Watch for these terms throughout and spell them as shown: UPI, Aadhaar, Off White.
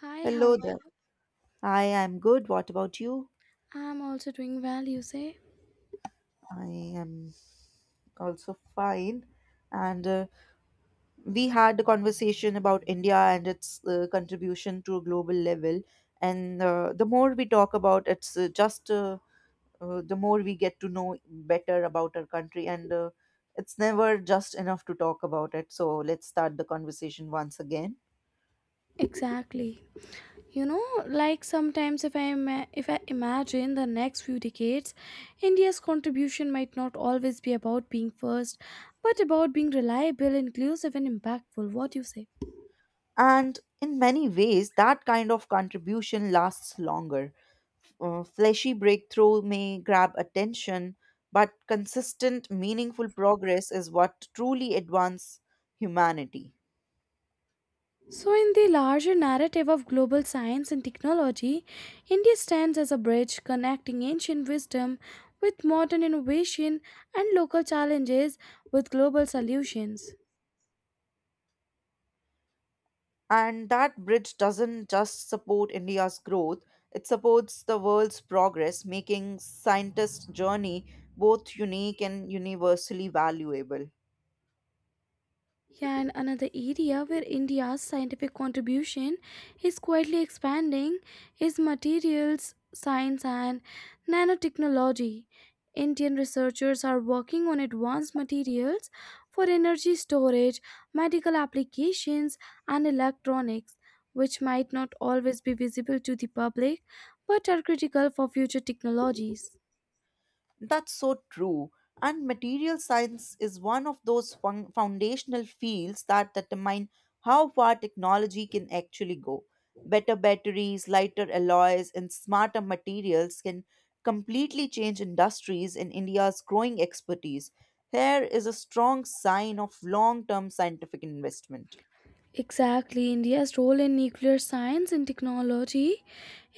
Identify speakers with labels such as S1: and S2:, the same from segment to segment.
S1: Hi, how
S2: Hello
S1: are
S2: there.
S1: you?
S2: I am good. What about you?
S1: I'm also doing well, you say?
S2: I am also fine. And We had a conversation about India and its contribution to a global level. And The more we talk about it's just the more we get to know better about our country. And It's never just enough to talk about it. So let's start the conversation once again.
S1: Exactly. You know, like sometimes if I imagine the next few decades, India's contribution might not always be about being first, but about being reliable, inclusive and impactful. What do you say?
S2: And in many ways, that kind of contribution lasts longer. Fleshy breakthrough may grab attention, but consistent, meaningful progress is what truly advances humanity.
S1: So, in the larger narrative of global science and technology, India stands as a bridge connecting ancient wisdom with modern innovation and local challenges with global solutions.
S2: And that bridge doesn't just support India's growth, it supports the world's progress, making scientists' journey both unique and universally valuable.
S1: Yeah, and another area where India's scientific contribution is quietly expanding is materials science and nanotechnology. Indian researchers are working on advanced materials for energy storage, medical applications, and electronics, which might not always be visible to the public but are critical for future technologies.
S2: That's so true. And material science is one of those foundational fields that determine how far technology can actually go. Better batteries, lighter alloys, and smarter materials can completely change industries in India's growing expertise. Here is a strong sign of long term scientific investment.
S1: Exactly, India's role in nuclear science and technology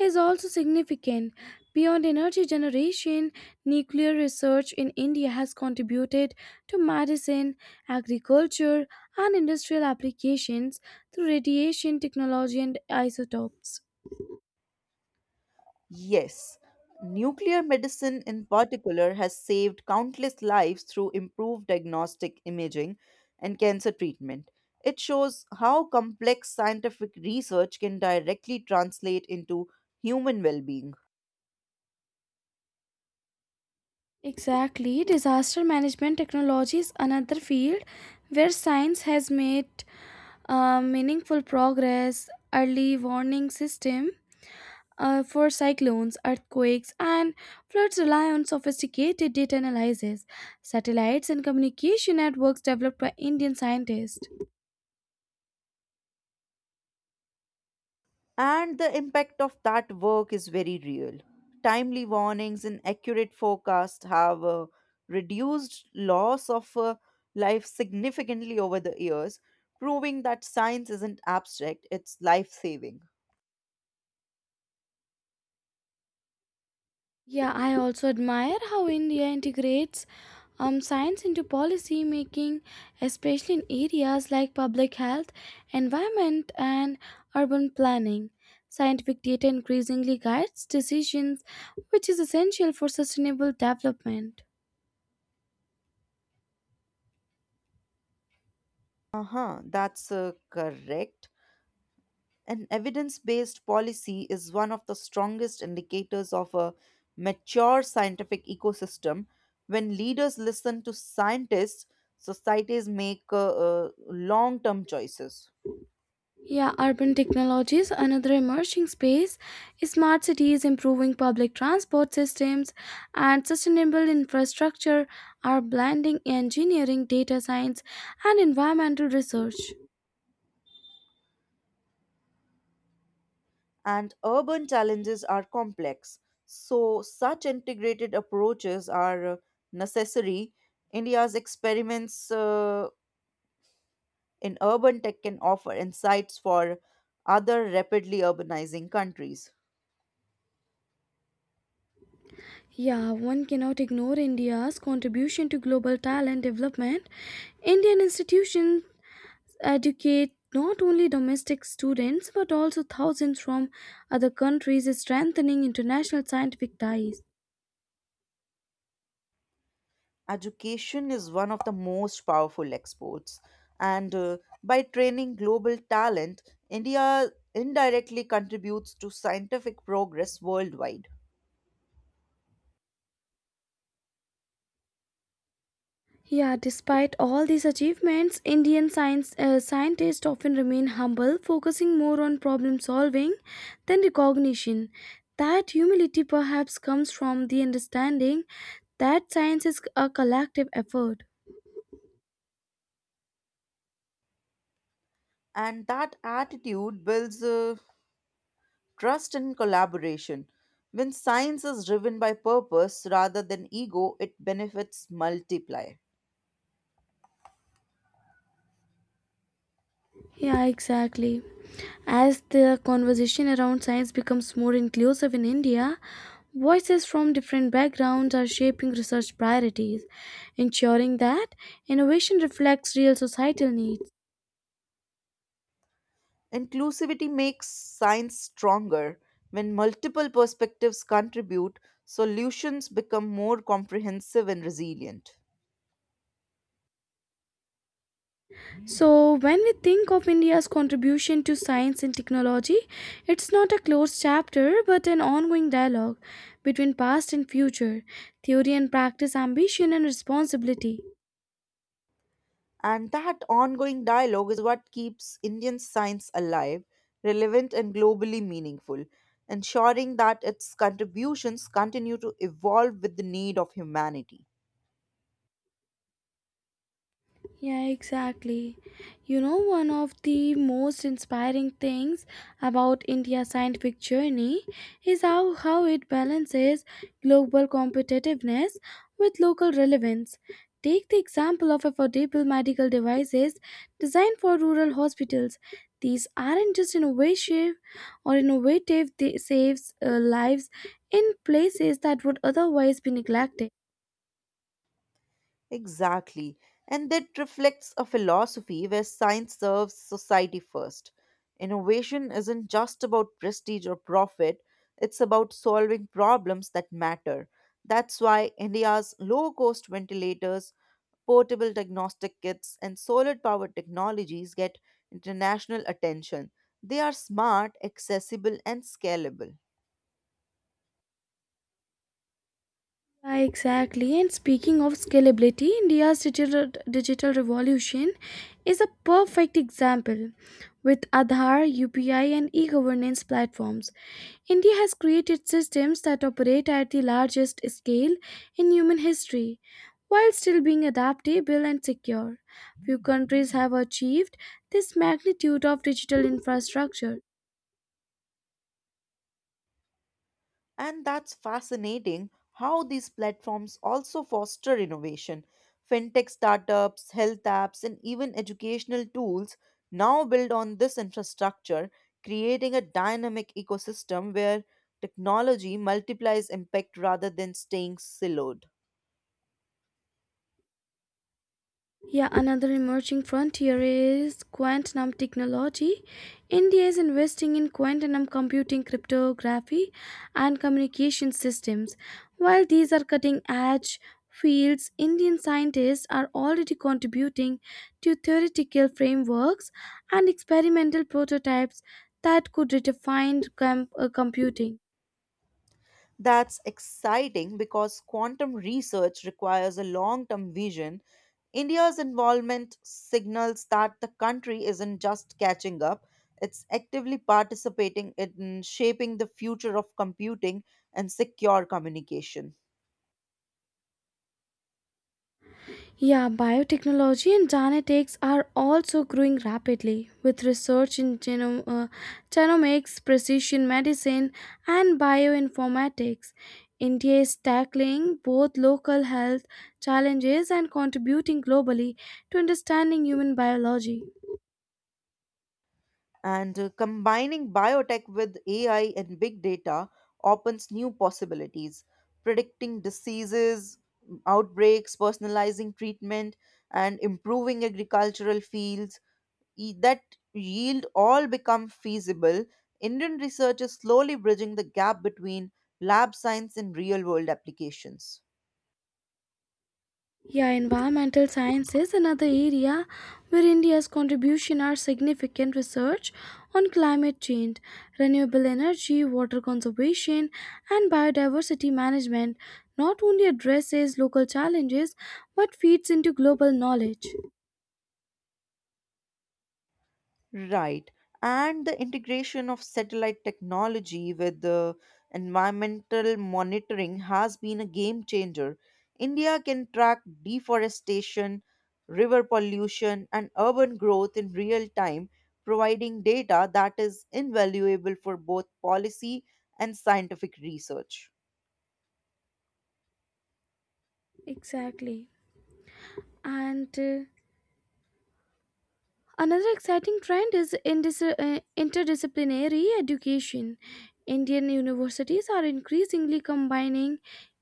S1: is also significant. Beyond energy generation, nuclear research in India has contributed to medicine, agriculture, and industrial applications through radiation technology and isotopes.
S2: Yes, nuclear medicine in particular has saved countless lives through improved diagnostic imaging and cancer treatment. It shows how complex scientific research can directly translate into human well being.
S1: Exactly, disaster management technology is another field where science has made meaningful progress. Early warning system for cyclones, earthquakes, and floods rely on sophisticated data analysis, satellites, and communication networks developed by Indian scientists.
S2: And the impact of that work is very real. Timely warnings and accurate forecasts have reduced loss of life significantly over the years, proving that science isn't abstract, it's life saving.
S1: Yeah, I also admire how India integrates science into policy making, especially in areas like public health, environment, and urban planning. Scientific data increasingly guides decisions, which is essential for sustainable development.
S2: Uh huh, that's correct. An evidence based policy is one of the strongest indicators of a mature scientific ecosystem. When leaders listen to scientists, societies make long term choices.
S1: Yeah, urban technologies, another emerging space. Smart cities, improving public transport systems, and sustainable infrastructure are blending engineering, data science, and environmental research.
S2: And urban challenges are complex, so, such integrated approaches are necessary. India's experiments in urban tech can offer insights for other rapidly urbanizing countries.
S1: Yeah, one cannot ignore India's contribution to global talent development. Indian institutions educate not only domestic students but also thousands from other countries, strengthening international scientific ties.
S2: Education is one of the most powerful exports, and by training global talent, India indirectly contributes to scientific progress worldwide.
S1: Yeah, despite all these achievements, Indian science scientists often remain humble, focusing more on problem solving than recognition. That humility perhaps comes from the understanding that science is a collective effort.
S2: And that attitude builds trust and collaboration. When science is driven by purpose rather than ego, it benefits multiply.
S1: Yeah, exactly. As the conversation around science becomes more inclusive in India, voices from different backgrounds are shaping research priorities, ensuring that innovation reflects real societal needs.
S2: Inclusivity makes science stronger. When multiple perspectives contribute, solutions become more comprehensive and resilient.
S1: So, when we think of India's contribution to science and technology, it's not a closed chapter but an ongoing dialogue between past and future, theory and practice, ambition and responsibility.
S2: And that ongoing dialogue is what keeps Indian science alive, relevant, and globally meaningful, ensuring that its contributions continue to evolve with the need of humanity.
S1: Yeah, exactly. You know, one of the most inspiring things about India's scientific journey is how it balances global competitiveness with local relevance. Take the example of affordable medical devices designed for rural hospitals. These aren't just innovative, they saves lives in places that would otherwise be neglected.
S2: Exactly. And that reflects a philosophy where science serves society first. Innovation isn't just about prestige or profit, it's about solving problems that matter. That's why India's low cost ventilators, portable diagnostic kits, and solar powered technologies get international attention. They are smart, accessible, and scalable.
S1: Yeah, exactly. And speaking of scalability, India's digital revolution is a perfect example. With Aadhaar, UPI, and e governance platforms, India has created systems that operate at the largest scale in human history while still being adaptable and secure. Few countries have achieved this magnitude of digital infrastructure.
S2: And that's fascinating how these platforms also foster innovation. Fintech startups, health apps, and even educational tools now build on this infrastructure, creating a dynamic ecosystem where technology multiplies impact rather than staying siloed.
S1: Yeah, another emerging frontier is quantum technology. India is investing in quantum computing, cryptography, and communication systems. While these are cutting edge fields, Indian scientists are already contributing to theoretical frameworks and experimental prototypes that could redefine computing.
S2: That's exciting because quantum research requires a long term vision. India's involvement signals that the country isn't just catching up, it's actively participating in shaping the future of computing and secure communication.
S1: Yeah, biotechnology and genetics are also growing rapidly, with research in genomics, precision medicine, and bioinformatics. India is tackling both local health challenges and contributing globally to understanding human biology.
S2: And Combining biotech with AI and big data opens new possibilities, predicting diseases, outbreaks, personalizing treatment, and improving agricultural fields that yield all become feasible. Indian research is slowly bridging the gap between lab science and real world applications.
S1: Yeah, environmental science is another area where India's contribution are significant research on climate change, renewable energy, water conservation, and biodiversity management not only addresses local challenges but feeds into global knowledge.
S2: Right. And the integration of satellite technology with the environmental monitoring has been a game changer. India can track deforestation, river pollution, and urban growth in real time, providing data that is invaluable for both policy and scientific research.
S1: Exactly. And Another exciting trend is interdisciplinary education. Indian universities are increasingly combining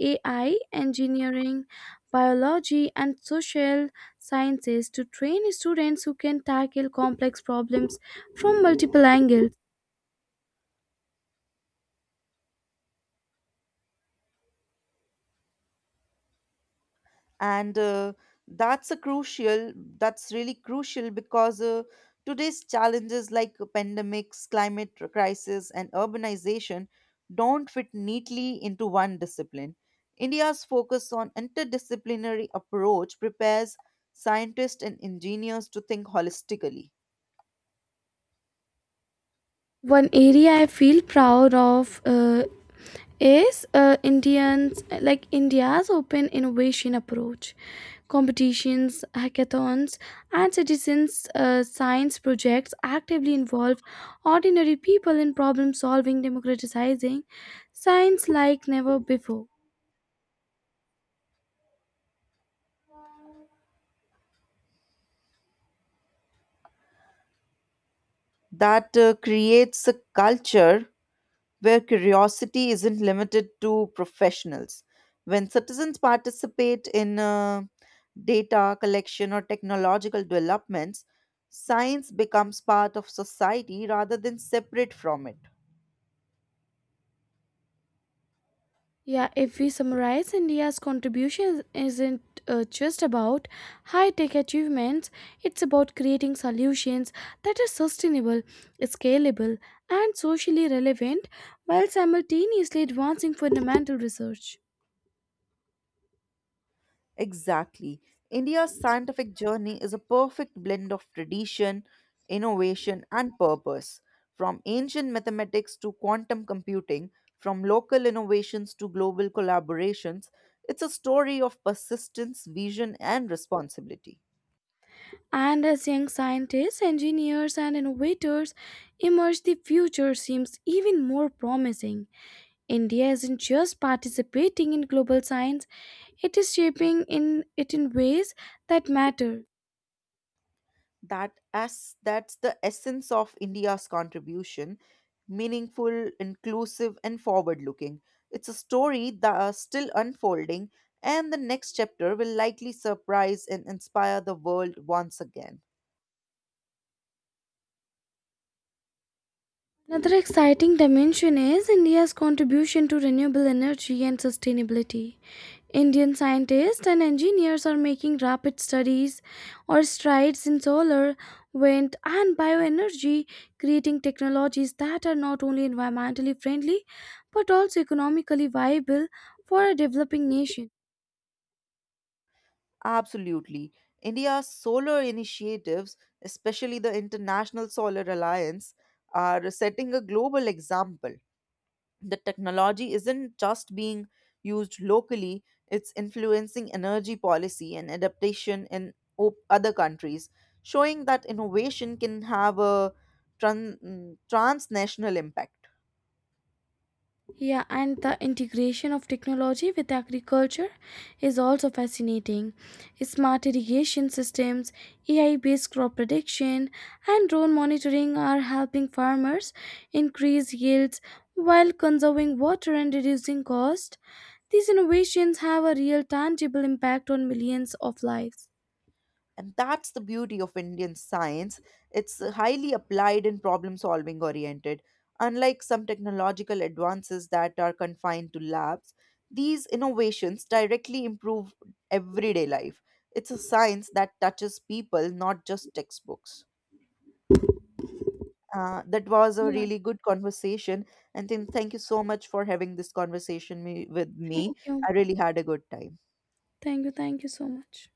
S1: AI, engineering, biology, and social sciences to train students who can tackle complex problems from multiple angles.
S2: And That's really crucial because today's challenges like pandemics, climate crisis, and urbanization don't fit neatly into one discipline. India's focus on interdisciplinary approach prepares scientists and engineers to think holistically.
S1: One area I feel proud of is Indians like India's open innovation approach. Competitions, hackathons, and citizens' science projects actively involve ordinary people in problem solving, democratizing science like never before.
S2: That creates a culture where curiosity isn't limited to professionals. When citizens participate in data collection or technological developments, science becomes part of society rather than separate from it.
S1: Yeah, if we summarize, India's contribution isn't just about high tech achievements, it's about creating solutions that are sustainable, scalable, and socially relevant while simultaneously advancing fundamental research.
S2: Exactly. India's scientific journey is a perfect blend of tradition, innovation, and purpose. From ancient mathematics to quantum computing, from local innovations to global collaborations, it's a story of persistence, vision, and responsibility.
S1: And as young scientists, engineers, and innovators emerge, the future seems even more promising. India isn't just participating in global science, it is shaping in it in ways that matter.
S2: That's the essence of India's contribution, meaningful, inclusive, and forward looking. It's a story that is still unfolding, and the next chapter will likely surprise and inspire the world once again.
S1: Another exciting dimension is India's contribution to renewable energy and sustainability. Indian scientists and engineers are making rapid studies or strides in solar, wind, and bioenergy, creating technologies that are not only environmentally friendly but also economically viable for a developing nation.
S2: Absolutely. India's solar initiatives, especially the International Solar Alliance, are setting a global example. The technology isn't just being used locally, it's influencing energy policy and adaptation in other countries, showing that innovation can have a transnational impact.
S1: Yeah, and the integration of technology with agriculture is also fascinating. Smart irrigation systems, AI based crop prediction, and drone monitoring are helping farmers increase yields while conserving water and reducing cost. These innovations have a real tangible impact on millions of lives.
S2: And that's the beauty of Indian science. It's highly applied and problem solving oriented. Unlike some technological advances that are confined to labs, these innovations directly improve everyday life. It's a science that touches people, not just textbooks. That was a
S1: Yeah,
S2: really good conversation. And then thank you so much for having this conversation with me.
S1: thank you.
S2: I really had a good time.
S1: Thank you. Thank you so much.